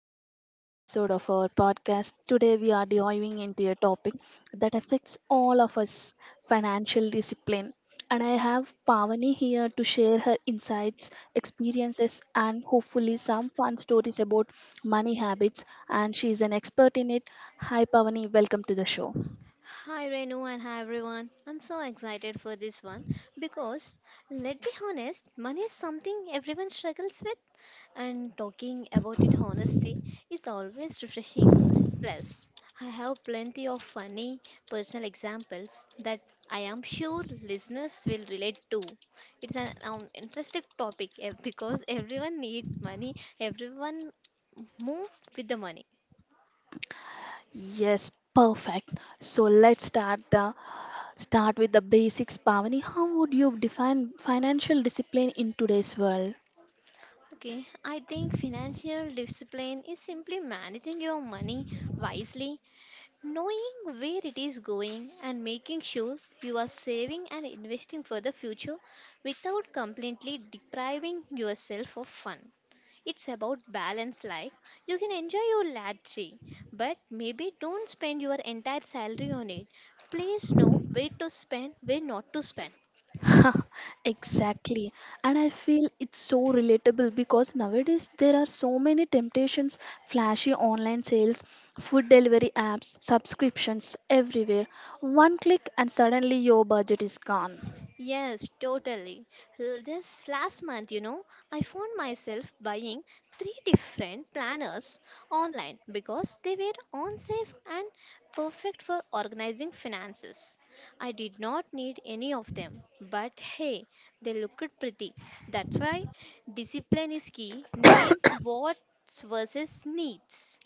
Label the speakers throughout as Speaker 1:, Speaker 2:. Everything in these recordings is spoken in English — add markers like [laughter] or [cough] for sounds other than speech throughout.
Speaker 1: back to another episode of our podcast. Today we are diving into a topic that affects all of us, financial discipline. And I have Pavani here to share her insights, experiences, and hopefully some fun stories about money habits. And she is an expert in it. Hi Pavani, welcome to the show.
Speaker 2: Hi Renu and hi everyone. I'm so excited for this one because let be honest, money is something everyone struggles with, and talking about it honestly is always refreshing. Plus, I have plenty of funny personal examples that I am sure listeners will relate to. It's an interesting topic because everyone needs money, everyone move with the money.
Speaker 1: Yes, perfect. So let's start the start with the basics, Pavani. How would you define financial discipline in today's world?
Speaker 2: Okay, I think financial discipline is simply managing your money wisely, knowing where it is going, and making sure you are saving and investing for the future without completely depriving yourself of fun. It's about balance, like you can enjoy your latte, but maybe don't spend your entire salary on it. Please know where to spend, where not to spend.
Speaker 1: [laughs] Exactly. And I feel it's so relatable because nowadays there are so many temptations, flashy online sales, food delivery apps, subscriptions everywhere. One click and suddenly your budget is gone.
Speaker 2: Yes, totally. This last month, I found myself buying three different planners online because they were on safe and perfect for organizing finances. I did not need any of them, but hey, they looked pretty. That's why discipline is key, knowing what's versus needs.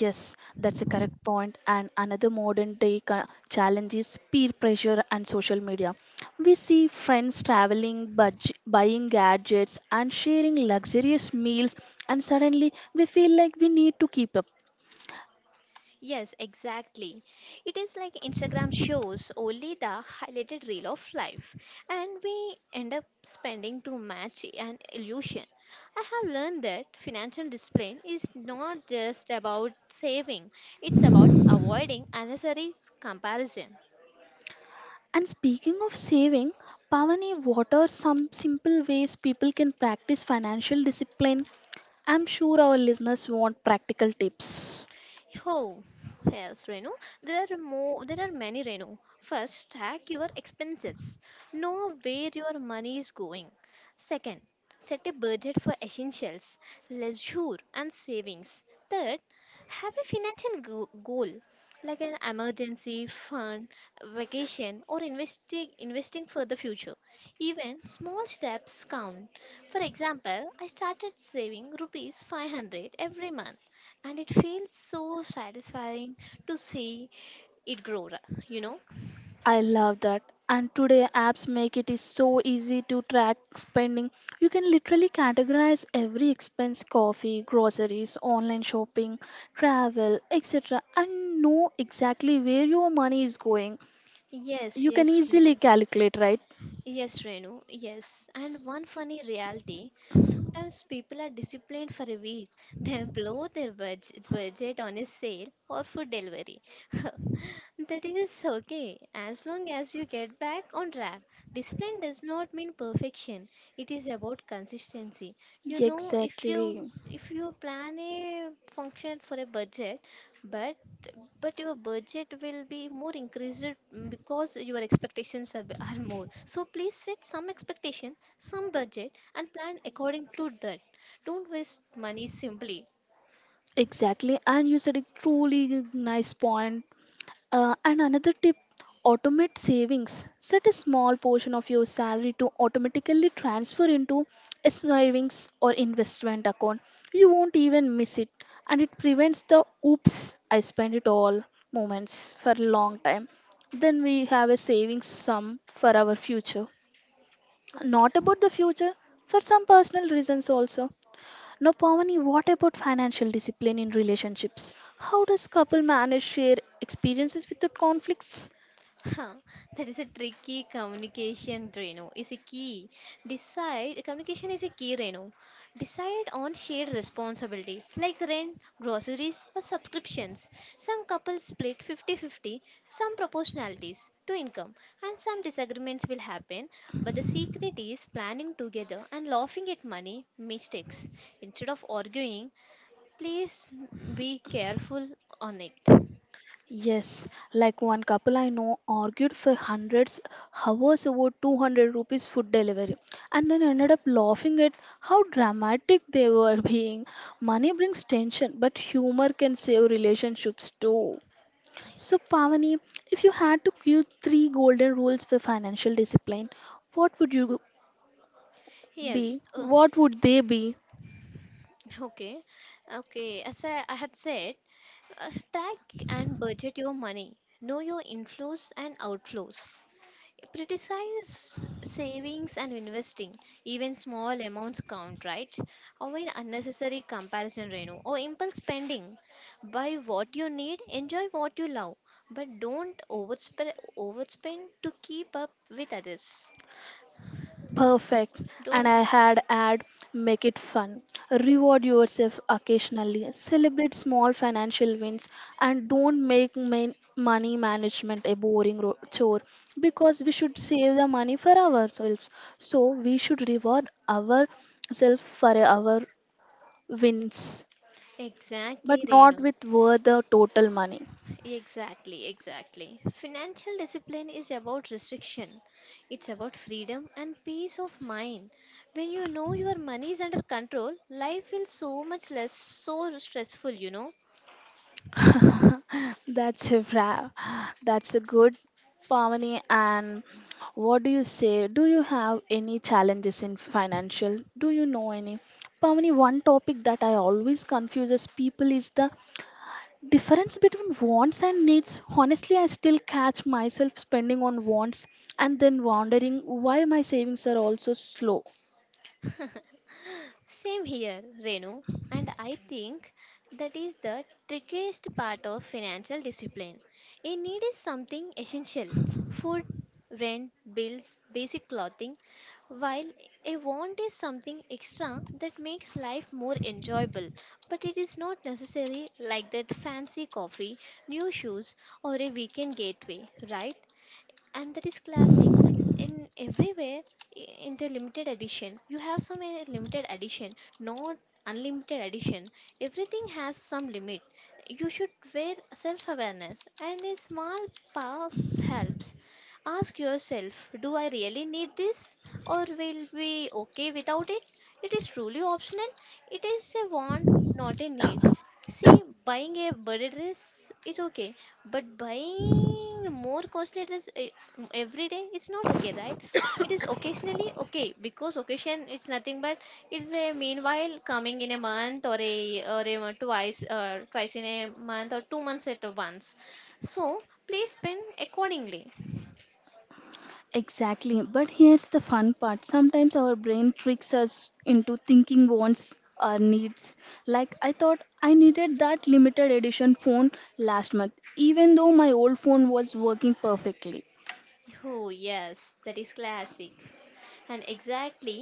Speaker 1: Yes, that's a correct point. And another modern day challenge is peer pressure and social media. We see friends traveling, buying gadgets, and sharing luxurious meals, and suddenly we feel like we need to keep up.
Speaker 2: Yes, exactly. It is like Instagram shows only the highlighted reel of life, and we end up spending to match an illusion. I have learned that financial discipline is not just about saving, it's about avoiding unnecessary comparison.
Speaker 1: And speaking of saving, Pavani, what are some simple ways people can practice financial discipline? I'm sure our listeners want practical tips.
Speaker 2: Oh, yes, Renu. There are more. There are many, Renu. First, track your expenses. Know where your money is going. Second, set a budget for essentials, leisure, and savings. Third, have a financial goal like an emergency fund, vacation, or investing for the future. Even small steps count. For example, I started saving ₹500 every month, and it feels so satisfying to see it grow, you know?
Speaker 1: I love that. And today apps make it is so easy to track spending. You can literally categorize every expense: coffee, groceries, online shopping, travel, etc. and know exactly where your money is going.
Speaker 2: Yes,
Speaker 1: You can
Speaker 2: yes,
Speaker 1: easily
Speaker 2: Renu.
Speaker 1: calculate, right?
Speaker 2: Yes, Renu, yes. And one funny reality, sometimes people are disciplined for a week, [laughs] then blow their budget on a sale or food delivery. [laughs] That is okay as long as you get back on track. Discipline does not mean perfection. It is about consistency. You know, if you
Speaker 1: Exactly.
Speaker 2: if you plan a function for a budget, but but your budget will be more increased because your expectations are more. So please set some expectation, some budget, and plan according to that. Don't waste money simply.
Speaker 1: Exactly. And you said a truly nice point. And another tip, automate savings. Set a small portion of your salary to automatically transfer into a savings or investment account. You won't even miss it, and it prevents the oops, I spent it all moments for a long time. Then we have a savings sum for our future. Not about the future, for some personal reasons also. Now, Pavani, what about financial discipline in relationships? How does couple manage share experiences without conflicts?
Speaker 2: Huh, that is a tricky communication, Reno. Is a key. Decide communication is a key, Reno. Decide on shared responsibilities like rent, groceries, or subscriptions. Some couples split fifty-fifty, some proportionalities to income, and some disagreements will happen. But the secret is planning together and laughing at money mistakes instead of arguing. Please be careful on it.
Speaker 1: Yes, like one couple I know argued for hundreds hours over 200 rupees food delivery and then ended up laughing at how dramatic they were [laughs] being. Money brings tension, but humor can save relationships too. So, Pavani, if you had to give three golden rules for financial discipline, what would you be?
Speaker 2: Yes.
Speaker 1: What would they be?
Speaker 2: Okay, okay. As I had said, track and budget your money. Know your inflows and outflows. Prioritize savings and investing. Even small amounts count, right? Avoid unnecessary comparison, Reno, or impulse spending. Buy what you need, enjoy what you love, but don't overspend to keep up with others.
Speaker 1: Perfect. And I
Speaker 2: Don't.
Speaker 1: had add, make it fun. Reward yourself occasionally. Celebrate small financial wins and don't make main money management a boring chore, because we should save the money for ourselves. So we should reward ourselves for our wins, but
Speaker 2: Exactly,
Speaker 1: not
Speaker 2: Reno.
Speaker 1: with worth the total money.
Speaker 2: Exactly, exactly. Financial discipline is about restriction. It's about freedom and peace of mind. When you know your money is under control, life feels so much less so stressful.
Speaker 1: [laughs] That's a wrap. That's a good Pavani. And what do you say? Do you have any challenges in financial? Do you know any? Pavani, one topic that I always confuses people is the difference between wants and needs. Honestly, I still catch myself spending on wants and then wondering why my savings are also slow.
Speaker 2: Same here, Renu. And I think that is the trickiest part of financial discipline. A need is something essential, food, rent, bills, basic clothing, while a want is something extra that makes life more enjoyable. But it is not necessary, like that fancy coffee, new shoes, or a weekend gateway, right? And that is classic in everywhere, in the limited edition you have some limited edition, not unlimited edition. Everything has some limit. You should wear self awareness, and a small pass helps. Ask yourself, do I really need this, or will be okay without it? It is truly optional, it is a want, not a need. See, buying a budget dress is okay, but buying more costly dress every day, it's not okay, right? It is occasionally okay, because occasion it's nothing but it's a meanwhile coming in a month or twice, twice in a month or 2 months at once. So please spend accordingly.
Speaker 1: Exactly. But here's the fun part. Sometimes our brain tricks us into thinking wants or needs. Like I thought I needed that limited edition phone last month, even though my old phone was working perfectly.
Speaker 2: Oh yes, that is classic. And exactly,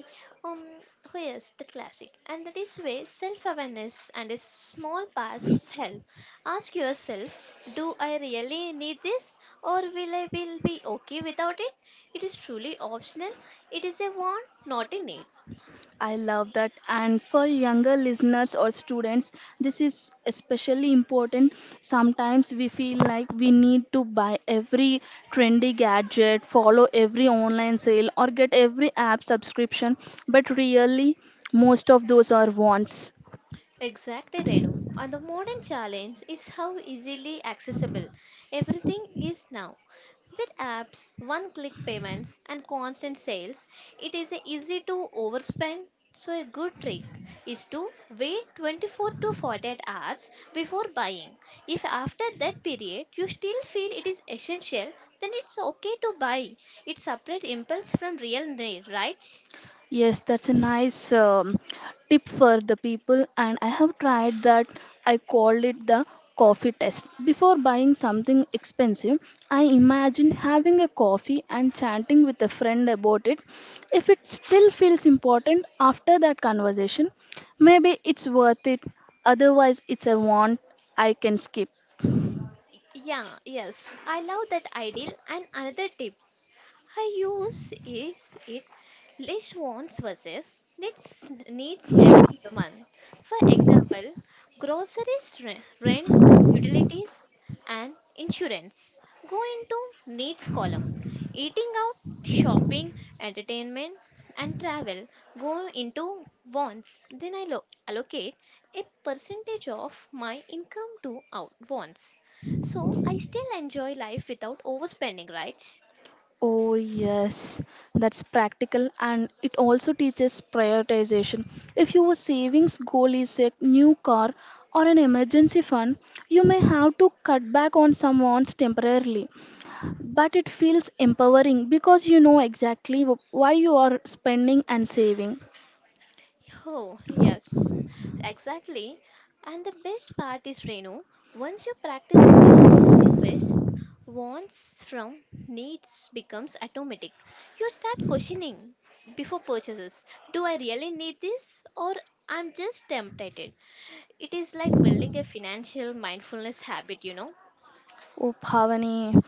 Speaker 2: um here's the classic, and that is where self-awareness and a small pass help. Ask yourself, do I really need this, or will be okay without it? It is truly optional, it is a want, not a need.
Speaker 1: I love that. And for younger listeners or students, this is especially important. Sometimes we feel like we need to buy every trendy gadget, follow every online sale, or get every app subscription, but really, most of those are wants.
Speaker 2: Exactly, Renu. And the modern challenge is how easily accessible everything is now. With apps, one click payments, and constant sales, it is easy to overspend. So, a good trick is to wait 24 to 48 hours before buying. If after that period you still feel it is essential, then it's okay to buy. It separates impulse from real need, right?
Speaker 1: Yes, that's a nice tip for the people, and I have tried that. I called it the coffee test. Before buying something expensive, I imagine having a coffee and chatting with a friend about it. If it still feels important after that conversation, maybe it's worth it. Otherwise, it's a want I can skip.
Speaker 2: Yeah, yes. I love that ideal. And another tip I use is it less wants versus needs every month. For example, groceries, rent, utilities, and insurance go into needs column. Eating out, shopping, entertainment, and travel go into wants. Then I allocate a percentage of my income to out wants. So I still enjoy life without overspending, right?
Speaker 1: Oh, yes, that's practical and it also teaches prioritization. If your savings goal is a new car or an emergency fund, you may have to cut back on some wants temporarily. But it feels empowering because you know exactly why you are spending and saving.
Speaker 2: Oh, yes, exactly. And the best part is, Renu, once you practice distinguish wants from needs becomes automatic. You start questioning before purchases. Do I really need this, or I'm just tempted? It is like building a financial mindfulness habit, you know?
Speaker 1: Oh, Pavani,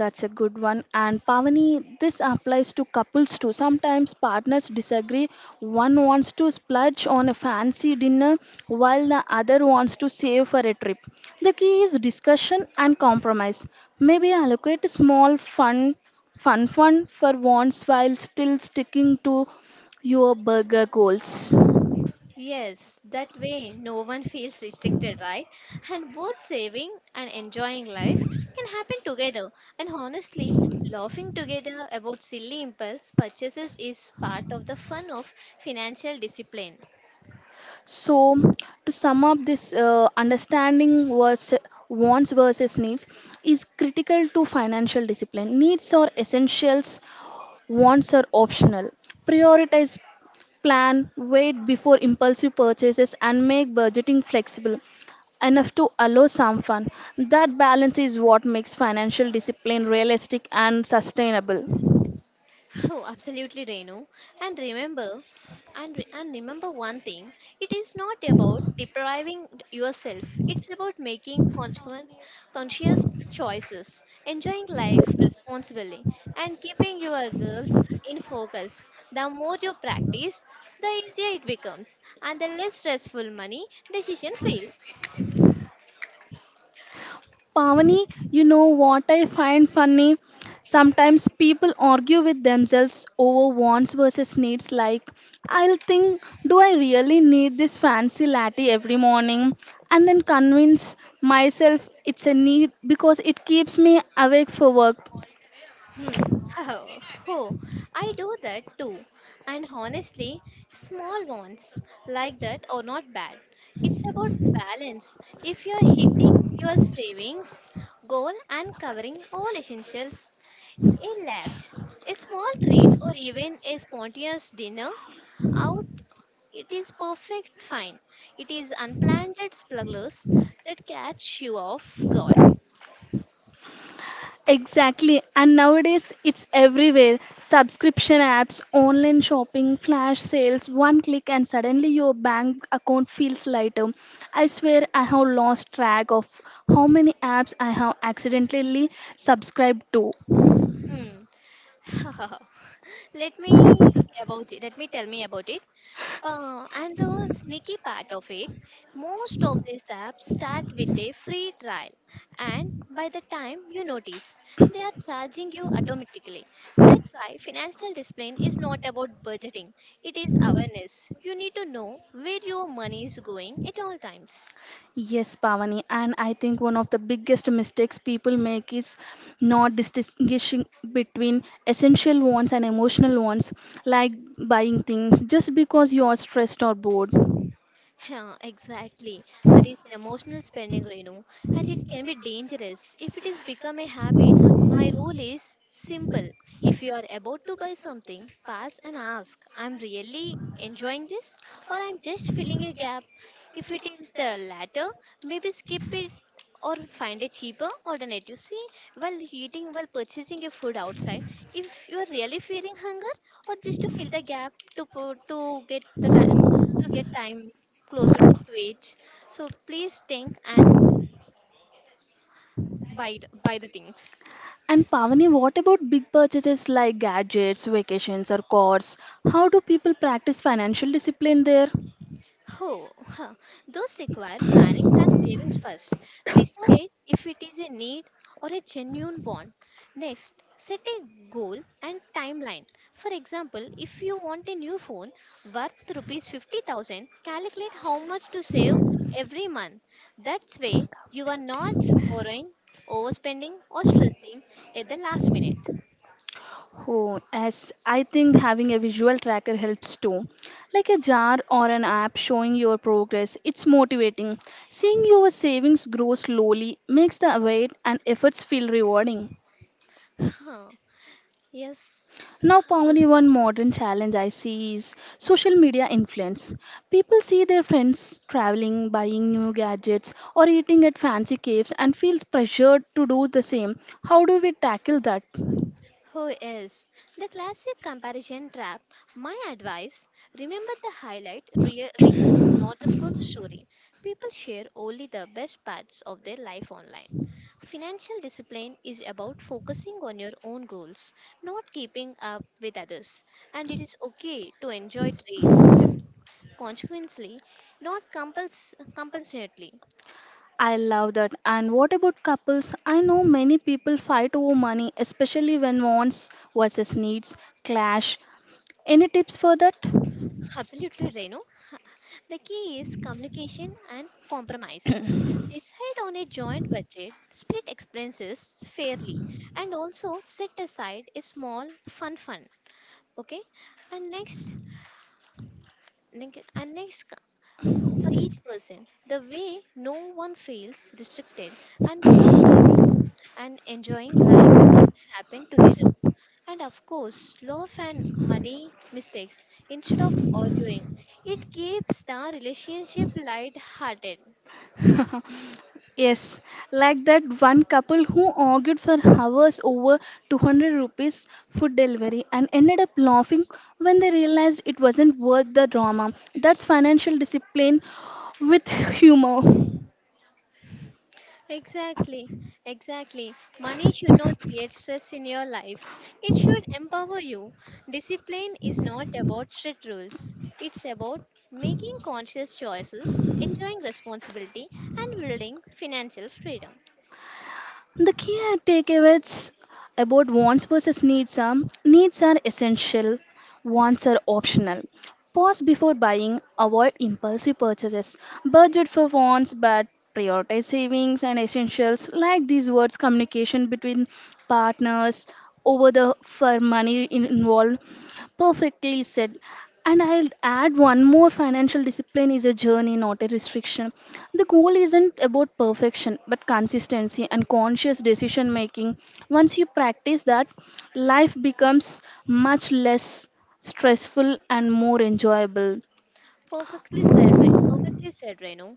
Speaker 1: that's a good one. And Pavani, this applies to couples too. Sometimes partners disagree. One wants to splurge on a fancy dinner while the other wants to save for a trip. The key is discussion and compromise. Maybe allocate a small fun fund for once while still sticking to your burger goals.
Speaker 2: Yes, that way no one feels restricted, right? And both saving and enjoying life can happen together. And honestly, laughing together about silly impulse purchases is part of the fun of financial discipline.
Speaker 1: So, to sum up this understanding versus wants versus needs is critical to financial discipline. Needs are essentials, wants are optional. Prioritize, plan, wait before impulsive purchases, and make budgeting flexible enough to allow some fun. That balance is what makes financial discipline realistic and sustainable.
Speaker 2: [laughs] Oh, absolutely, Renu. And remember, and, re- and remember one thing: it is not about depriving yourself. It's about making conscious choices, enjoying life responsibly, and keeping your goals in focus. The more you practice, the easier it becomes, and the less stressful money decision feels.
Speaker 1: Pavani, you know what I find funny? Sometimes people argue with themselves over wants versus needs. Like, I'll think, do I really need this fancy latte every morning? And then convince myself it's a need because it keeps me awake for work.
Speaker 2: Hmm. [laughs] Oh, oh, I do that too. And honestly, small ones like that are not bad. It's about balance. If you're hitting your savings goal and covering all essentials, a lunch, a small treat, or even a spontaneous dinner out, it is perfect fine. It is unplanned splurges that catch you off guard.
Speaker 1: Exactly, and nowadays it's everywhere. Subscription apps, online shopping, flash sales, one click, and suddenly your bank account feels lighter. I swear I have lost track of how many apps I have accidentally subscribed to.
Speaker 2: Hmm. [laughs] let me Let me tell me about it. And the sneaky part of it, most of these apps start with a free trial, and by the time you notice, they are charging you automatically. That's why financial discipline is not about budgeting, it is awareness. You need to know where your money is going at all times.
Speaker 1: Yes, Pavani, and I think one of the biggest mistakes people make is not distinguishing between essential wants and emotional wants, like buying things just because you are stressed or bored.
Speaker 2: Yeah, exactly. That is emotional spending, Renu, and it can be dangerous if it is become a habit. My rule is simple. If you are about to buy something, pass and ask, I'm really enjoying this, or I'm just filling a gap. If it is the latter, maybe skip it or find a cheaper alternative. See, while eating, while purchasing your food outside, if you are really feeling hunger, or just to fill the gap to get the time to get time closer to it. So please think and buy the things.
Speaker 1: And Pavani, what about big purchases like gadgets, vacations, or cars? How do people practice financial discipline there?
Speaker 2: Oh, those require planning and savings first. Decide if it is a need or a genuine want. Next, set a goal and timeline. For example, if you want a new phone worth ₹50,000, calculate how much to save every month. That's way you are not borrowing, overspending, or stressing at the last minute.
Speaker 1: Oh, as I think having a visual tracker helps too, like a jar or an app showing your progress. It's motivating. Seeing your savings grow slowly makes the wait and efforts feel rewarding.
Speaker 2: Huh. Yes,
Speaker 1: Now, Pavani, one modern challenge I see is social media influence. People see their friends traveling, buying new gadgets, or eating at fancy caves and feels pressured to do the same. How do we tackle that?
Speaker 2: who is? The classic comparison trap. My advice, remember the highlight reel is not the full story. People share only the best parts of their life online. Financial discipline is about focusing on your own goals, not keeping up with others. And it is okay to enjoy trades, consequently, not compulsorily.
Speaker 1: I love that. And what about couples? I know many people fight over money, especially when wants versus needs clash. Any tips for that?
Speaker 2: Absolutely, Renu. The key is communication and compromise. Decide on a joint budget, split expenses fairly, and also set aside a small fun fund. Okay, and next, neg- and next co- for each person, the way no one feels restricted, and both saving and enjoying life happen together. And of course, love and money mistakes instead of arguing, it keeps the relationship light-hearted.
Speaker 1: [laughs] Yes, like that one couple who argued for hours over 200 rupees food delivery and ended up laughing when they realized it wasn't worth the drama. That's financial discipline with humor.
Speaker 2: Exactly, exactly. Money should not create stress in your life. It should empower you. Discipline is not about strict rules, it's about making conscious choices, enjoying responsibility, and building financial freedom.
Speaker 1: The key takeaways about wants versus needs are: needs are essential, wants are optional. Pause before buying, avoid impulsive purchases, budget for wants but prioritize savings and essentials, like these words communication between partners over the for money involved. Perfectly said. And I'll add one more, financial discipline is a journey, not a restriction. The goal isn't about perfection, but consistency and conscious decision making. Once you practice that, life becomes much less stressful and more enjoyable.
Speaker 2: Perfectly said, Renu.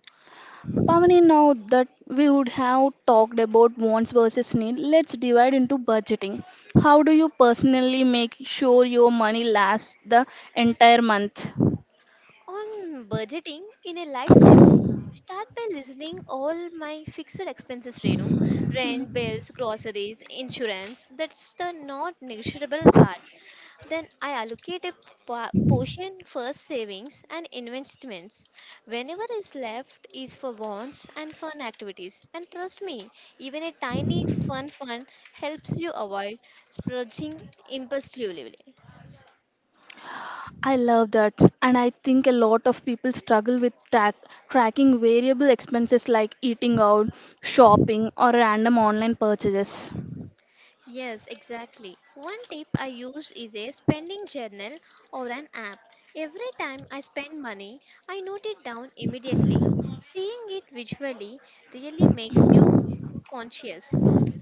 Speaker 1: Pavani, now that we would have talked about wants versus need, let's divide into budgeting. How do you personally make sure your money lasts the entire month?
Speaker 2: On budgeting in a lifesaver, start by listening all my fixed expenses, Renu. Rent, bills, groceries, insurance. That's the not negotiable part. Then I allocate a portion for savings and investments. Whenever is left is for wants and fun activities. And trust me, even a tiny fun fund helps you avoid splurging impulsively.
Speaker 1: I love that. And I think a lot of people struggle with tracking variable expenses like eating out, shopping, or random online purchases. [laughs]
Speaker 2: Yes, exactly. One tip I use is a spending journal or an app. Every time I spend money, I note it down immediately. Seeing it visually really makes you conscious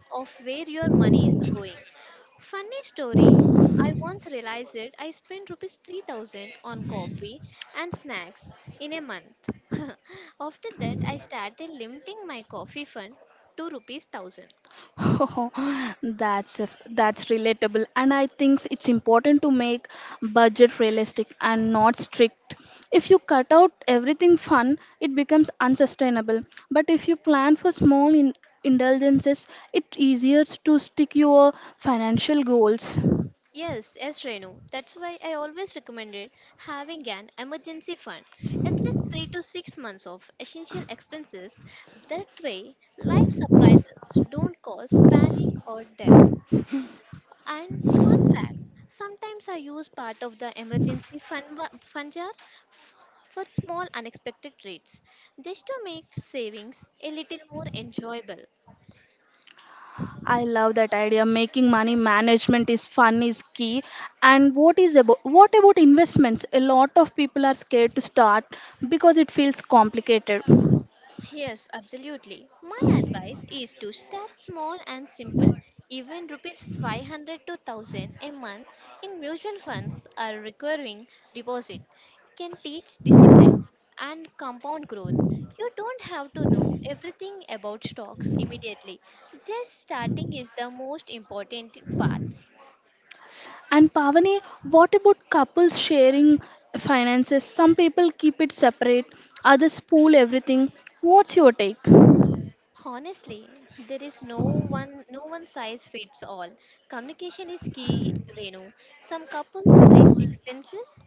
Speaker 2: of where your money is going. Funny story, I once I spent rupees 3,000 on coffee and snacks in a month. [laughs] After that, I started limiting my coffee fund to rupees 1,000.
Speaker 1: Oh, that's a, that's relatable. And I think it's important to make budget realistic and not strict. If you cut out everything fun, it becomes unsustainable. But if you plan for small indulgences, it's easier to stick your financial goals.
Speaker 2: Yes, yes, Renu. That's why I always recommended having an emergency fund, at least 3 to 6 months of essential expenses. That way, life surprises don't cause panic or debt. And fun fact, sometimes I use part of the emergency fund, fund jar f- for small unexpected treats, just to make savings a little more enjoyable.
Speaker 1: I love that idea. Making money management is fun is key. And what about investments? A lot of people are scared to start because it feels complicated.
Speaker 2: Yes, absolutely. My advice is to start small and simple. Even rupees 500 to 1,000 a month in mutual funds or recurring deposit can teach discipline and compound growth. You don't have to know everything about stocks immediately. Just starting is the most important part.
Speaker 1: And Pavani, what about couples sharing finances? Some people keep it separate, others pool everything. What's your take?
Speaker 2: Honestly, there is no one size fits all. Communication is key, Renu. Some couples split expenses,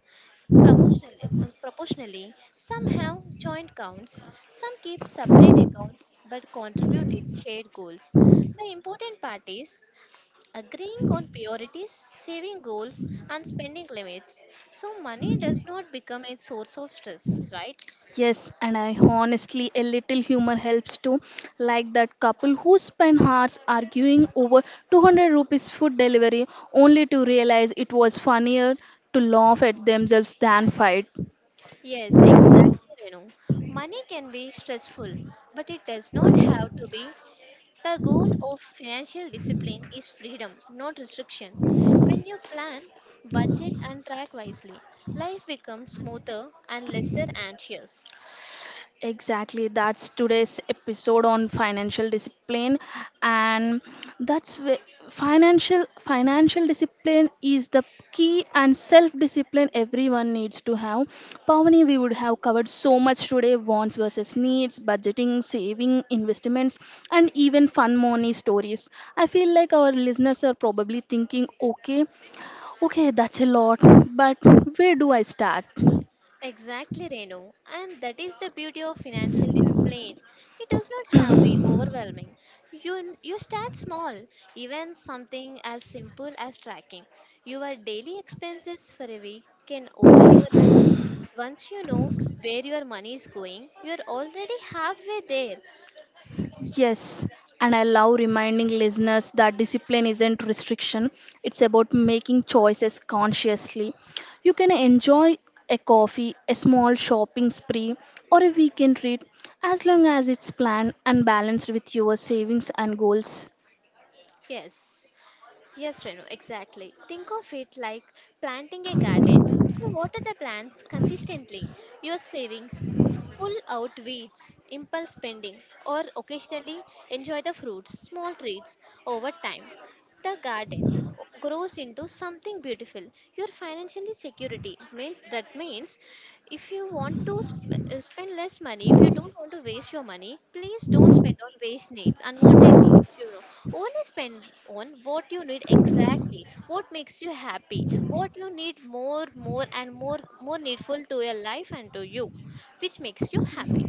Speaker 2: Proportionally, some have joint accounts, some keep separate accounts but contributed shared goals. The important part is agreeing on priorities, saving goals, and spending limits, so money does not become a source of stress, right?
Speaker 1: Yes, and I honestly, a little humor helps too. Like that couple who spent hours arguing over 200 rupees food delivery only to realize it was funnier to laugh at themselves than fight.
Speaker 2: Yes, exactly, Renu. Money can be stressful, but it does not have to be. The goal of financial discipline is freedom, not restriction. When you plan, budget, and track wisely, life becomes smoother and lesser anxious.
Speaker 1: Exactly, that's today's episode on financial discipline, and that's where financial discipline is the key, and self-discipline everyone needs to have. Pavani, we would have covered so much today: wants versus needs, budgeting, saving, investments, and even fun money stories. I feel like our listeners are probably thinking, okay, okay, that's a lot, but where do I start?
Speaker 2: Exactly, Reno. And that is the beauty of financial discipline. It does not have to be overwhelming. You start small, even something as simple as tracking your daily expenses for a week can open your eyes. Once you know where your money is going, you're already halfway there.
Speaker 1: Yes, and I love reminding listeners that discipline isn't restriction, it's about making choices consciously. You can enjoy a coffee, a small shopping spree, or a weekend treat as long as it's planned and balanced with your savings and goals.
Speaker 2: Yes, yes, Renu, exactly. Think of it like planting a garden. You water the plants consistently. Your savings, pull out weeds, impulse spending, or occasionally enjoy the fruits, small treats over time. The garden grows into something beautiful. Your financial security means that means if you want to spend less money, if you don't want to waste your money, please don't spend on waste needs, unwanted needs, you know, only spend on what you need, exactly what makes you happy, what you need more and more needful to your life and to you, which makes you happy.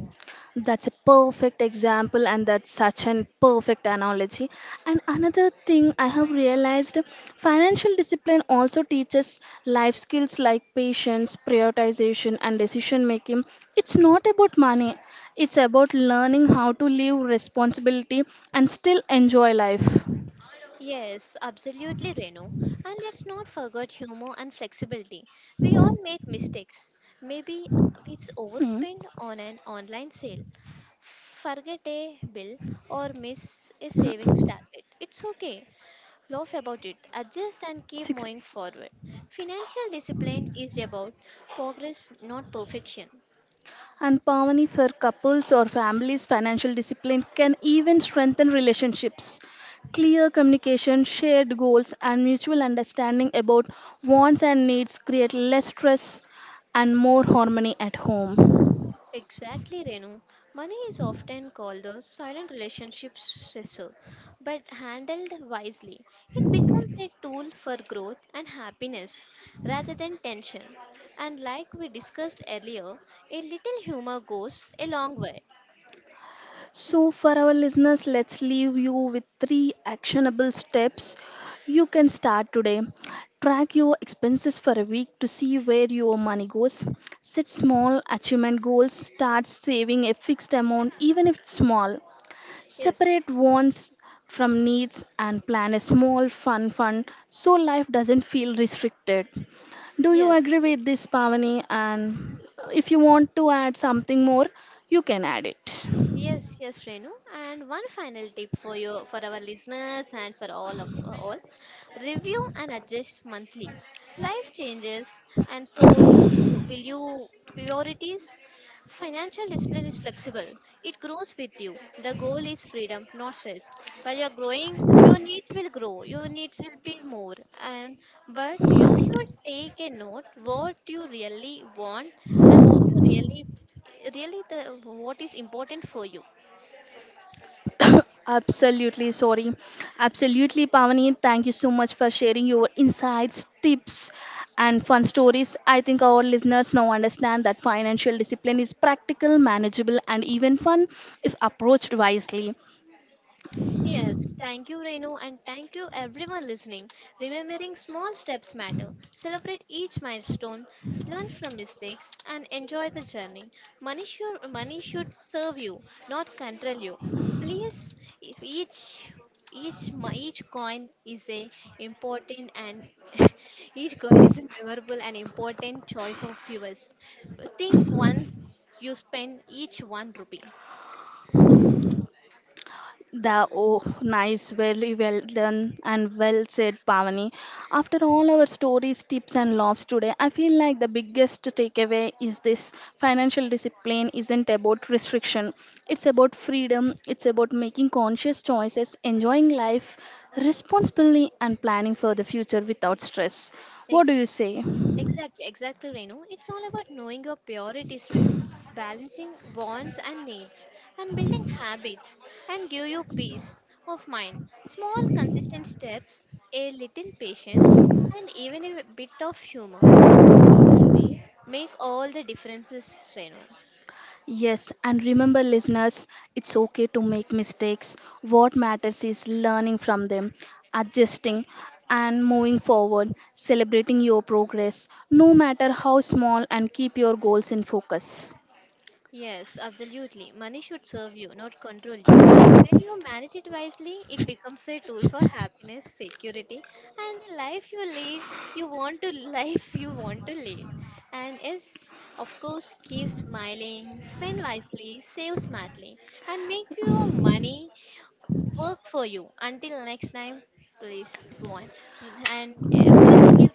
Speaker 1: That's a perfect example, and that's such an perfect analogy. And another thing I have realized, financial discipline also teaches life skills like patience, prioritization, and decision making. It's not about money, it's about learning how to live responsibility and still enjoy life.
Speaker 2: Yes, absolutely, Renu. And let's not forget humor and flexibility. We all make mistakes. Maybe
Speaker 1: Hmm.
Speaker 2: overspend on an online sale, forget a bill, or miss a savings target. It's okay. Laugh about it, adjust, and keep moving forward. Financial discipline is about progress, not perfection.
Speaker 1: And Pavani, for couples or families, financial discipline can even strengthen relationships. Clear communication, shared goals, and mutual understanding about wants and needs create less stress and more harmony at home.
Speaker 2: Exactly, Renu. Money is often called the silent relationship stressor, but handled wisely, it becomes a tool for growth and happiness rather than tension. And like we discussed earlier, a little humor goes a long way.
Speaker 1: So, for our listeners, let's leave you with three actionable steps you can start today. Track your expenses for a week to see where your money goes. Set small achievement goals. Start saving a fixed amount, even if it's small.
Speaker 2: Yes,
Speaker 1: Separate wants from needs and plan a small fun fund so life doesn't feel restricted. Do you
Speaker 2: yes.
Speaker 1: agree with this, Pavani? And if you want to add something more, you can add it.
Speaker 2: Yes, yes, Renu. And one final tip for your for our listeners and for all of all, review and adjust monthly. Life changes, and so will you priorities. Financial discipline is flexible. It grows with you. The goal is freedom, not stress. While you're growing, your needs will grow. Your needs will be more. And but you should take a note what you really want and what you really really the what is important for you.
Speaker 1: [coughs] Absolutely, sorry. Absolutely, Pavani. Thank you so much for sharing your insights, tips, and fun stories. I think our listeners now understand that financial discipline is practical, manageable, and even fun if approached wisely.
Speaker 2: Yes, thank you, Renu, and thank you everyone listening. Remembering small steps matter. Celebrate each milestone, learn from mistakes, and enjoy the journey. Money should serve you, not control you. Please, if each each coin is a important and [laughs] each coin is a memorable and important choice of yours. Think once you spend each one rupee.
Speaker 1: The oh, nice, very well done and well said, Pavani. After all our stories, tips, and laughs today, I feel like the biggest takeaway is this: financial discipline isn't about restriction, it's about freedom, it's about making conscious choices, enjoying life responsibly, and planning for the future without stress. What do
Speaker 2: Ex-
Speaker 1: you say?
Speaker 2: exactly, exactly, Renu. It's all about knowing your priorities, Renu, balancing wants and needs, and building habits and give you peace of mind. Small, consistent steps, a little patience, and even a bit of humor along the way make all the differences, Renu.
Speaker 1: Yes, and remember, listeners, it's okay to make mistakes. What matters is learning from them, adjusting, and moving forward, celebrating your progress, no matter how small, and keep your goals in focus.
Speaker 2: Yes, absolutely. Money should serve you, not control you. When you manage it wisely, it becomes a tool for happiness, security, and life you live. You want to [laughs] life you want to live, and is of course keep smiling, spend wisely, save smartly, and make your money work for you. Until next time, please go on. And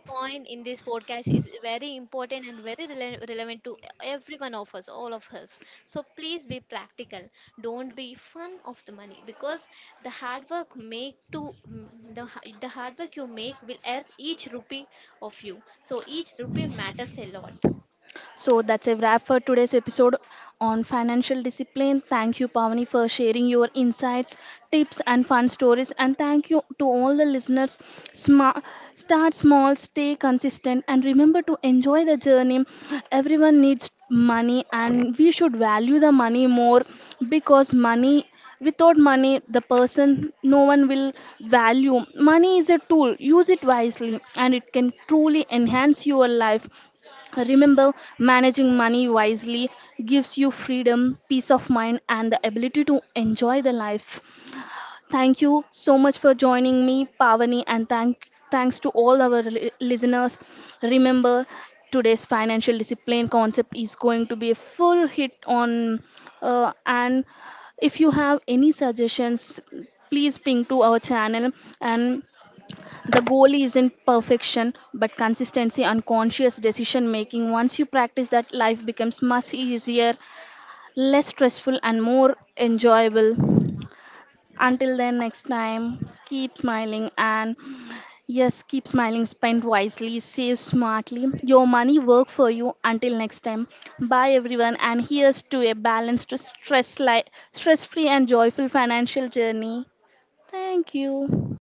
Speaker 2: point in this podcast is very important and very relevant to every one of us, all of us. So please be practical. Don't be fun of the money, because the hard work make to mm, the hard work you make will earn each rupee of you. So each rupee matters a lot.
Speaker 1: So that's a wrap for today's episode on financial discipline. Thank you, Pavani, for sharing your insights, tips, and fun stories. And thank you to all the listeners. Sma- Start small, stay consistent, and remember to enjoy the journey. Everyone needs money, and we should value the money more, because money, without money the person no one will value. Money is a tool, use it wisely and it can truly enhance your life. Remember, managing money wisely gives you freedom, peace of mind, and the ability to enjoy the life. Thank you so much for joining me, Pavani, and thanks to all our listeners. Remember, today's financial discipline concept is going to be a full hit on, and if you have any suggestions, please ping to our channel, and the goal isn't perfection, but consistency and conscious decision making. Once you practice that, life becomes much easier, less stressful, and more enjoyable. Until then, next time, keep smiling, and yes, keep smiling. Spend wisely, save smartly. Your money work for you. Until next time, bye everyone, and here's to a balanced, stress-free, and joyful financial journey. Thank you.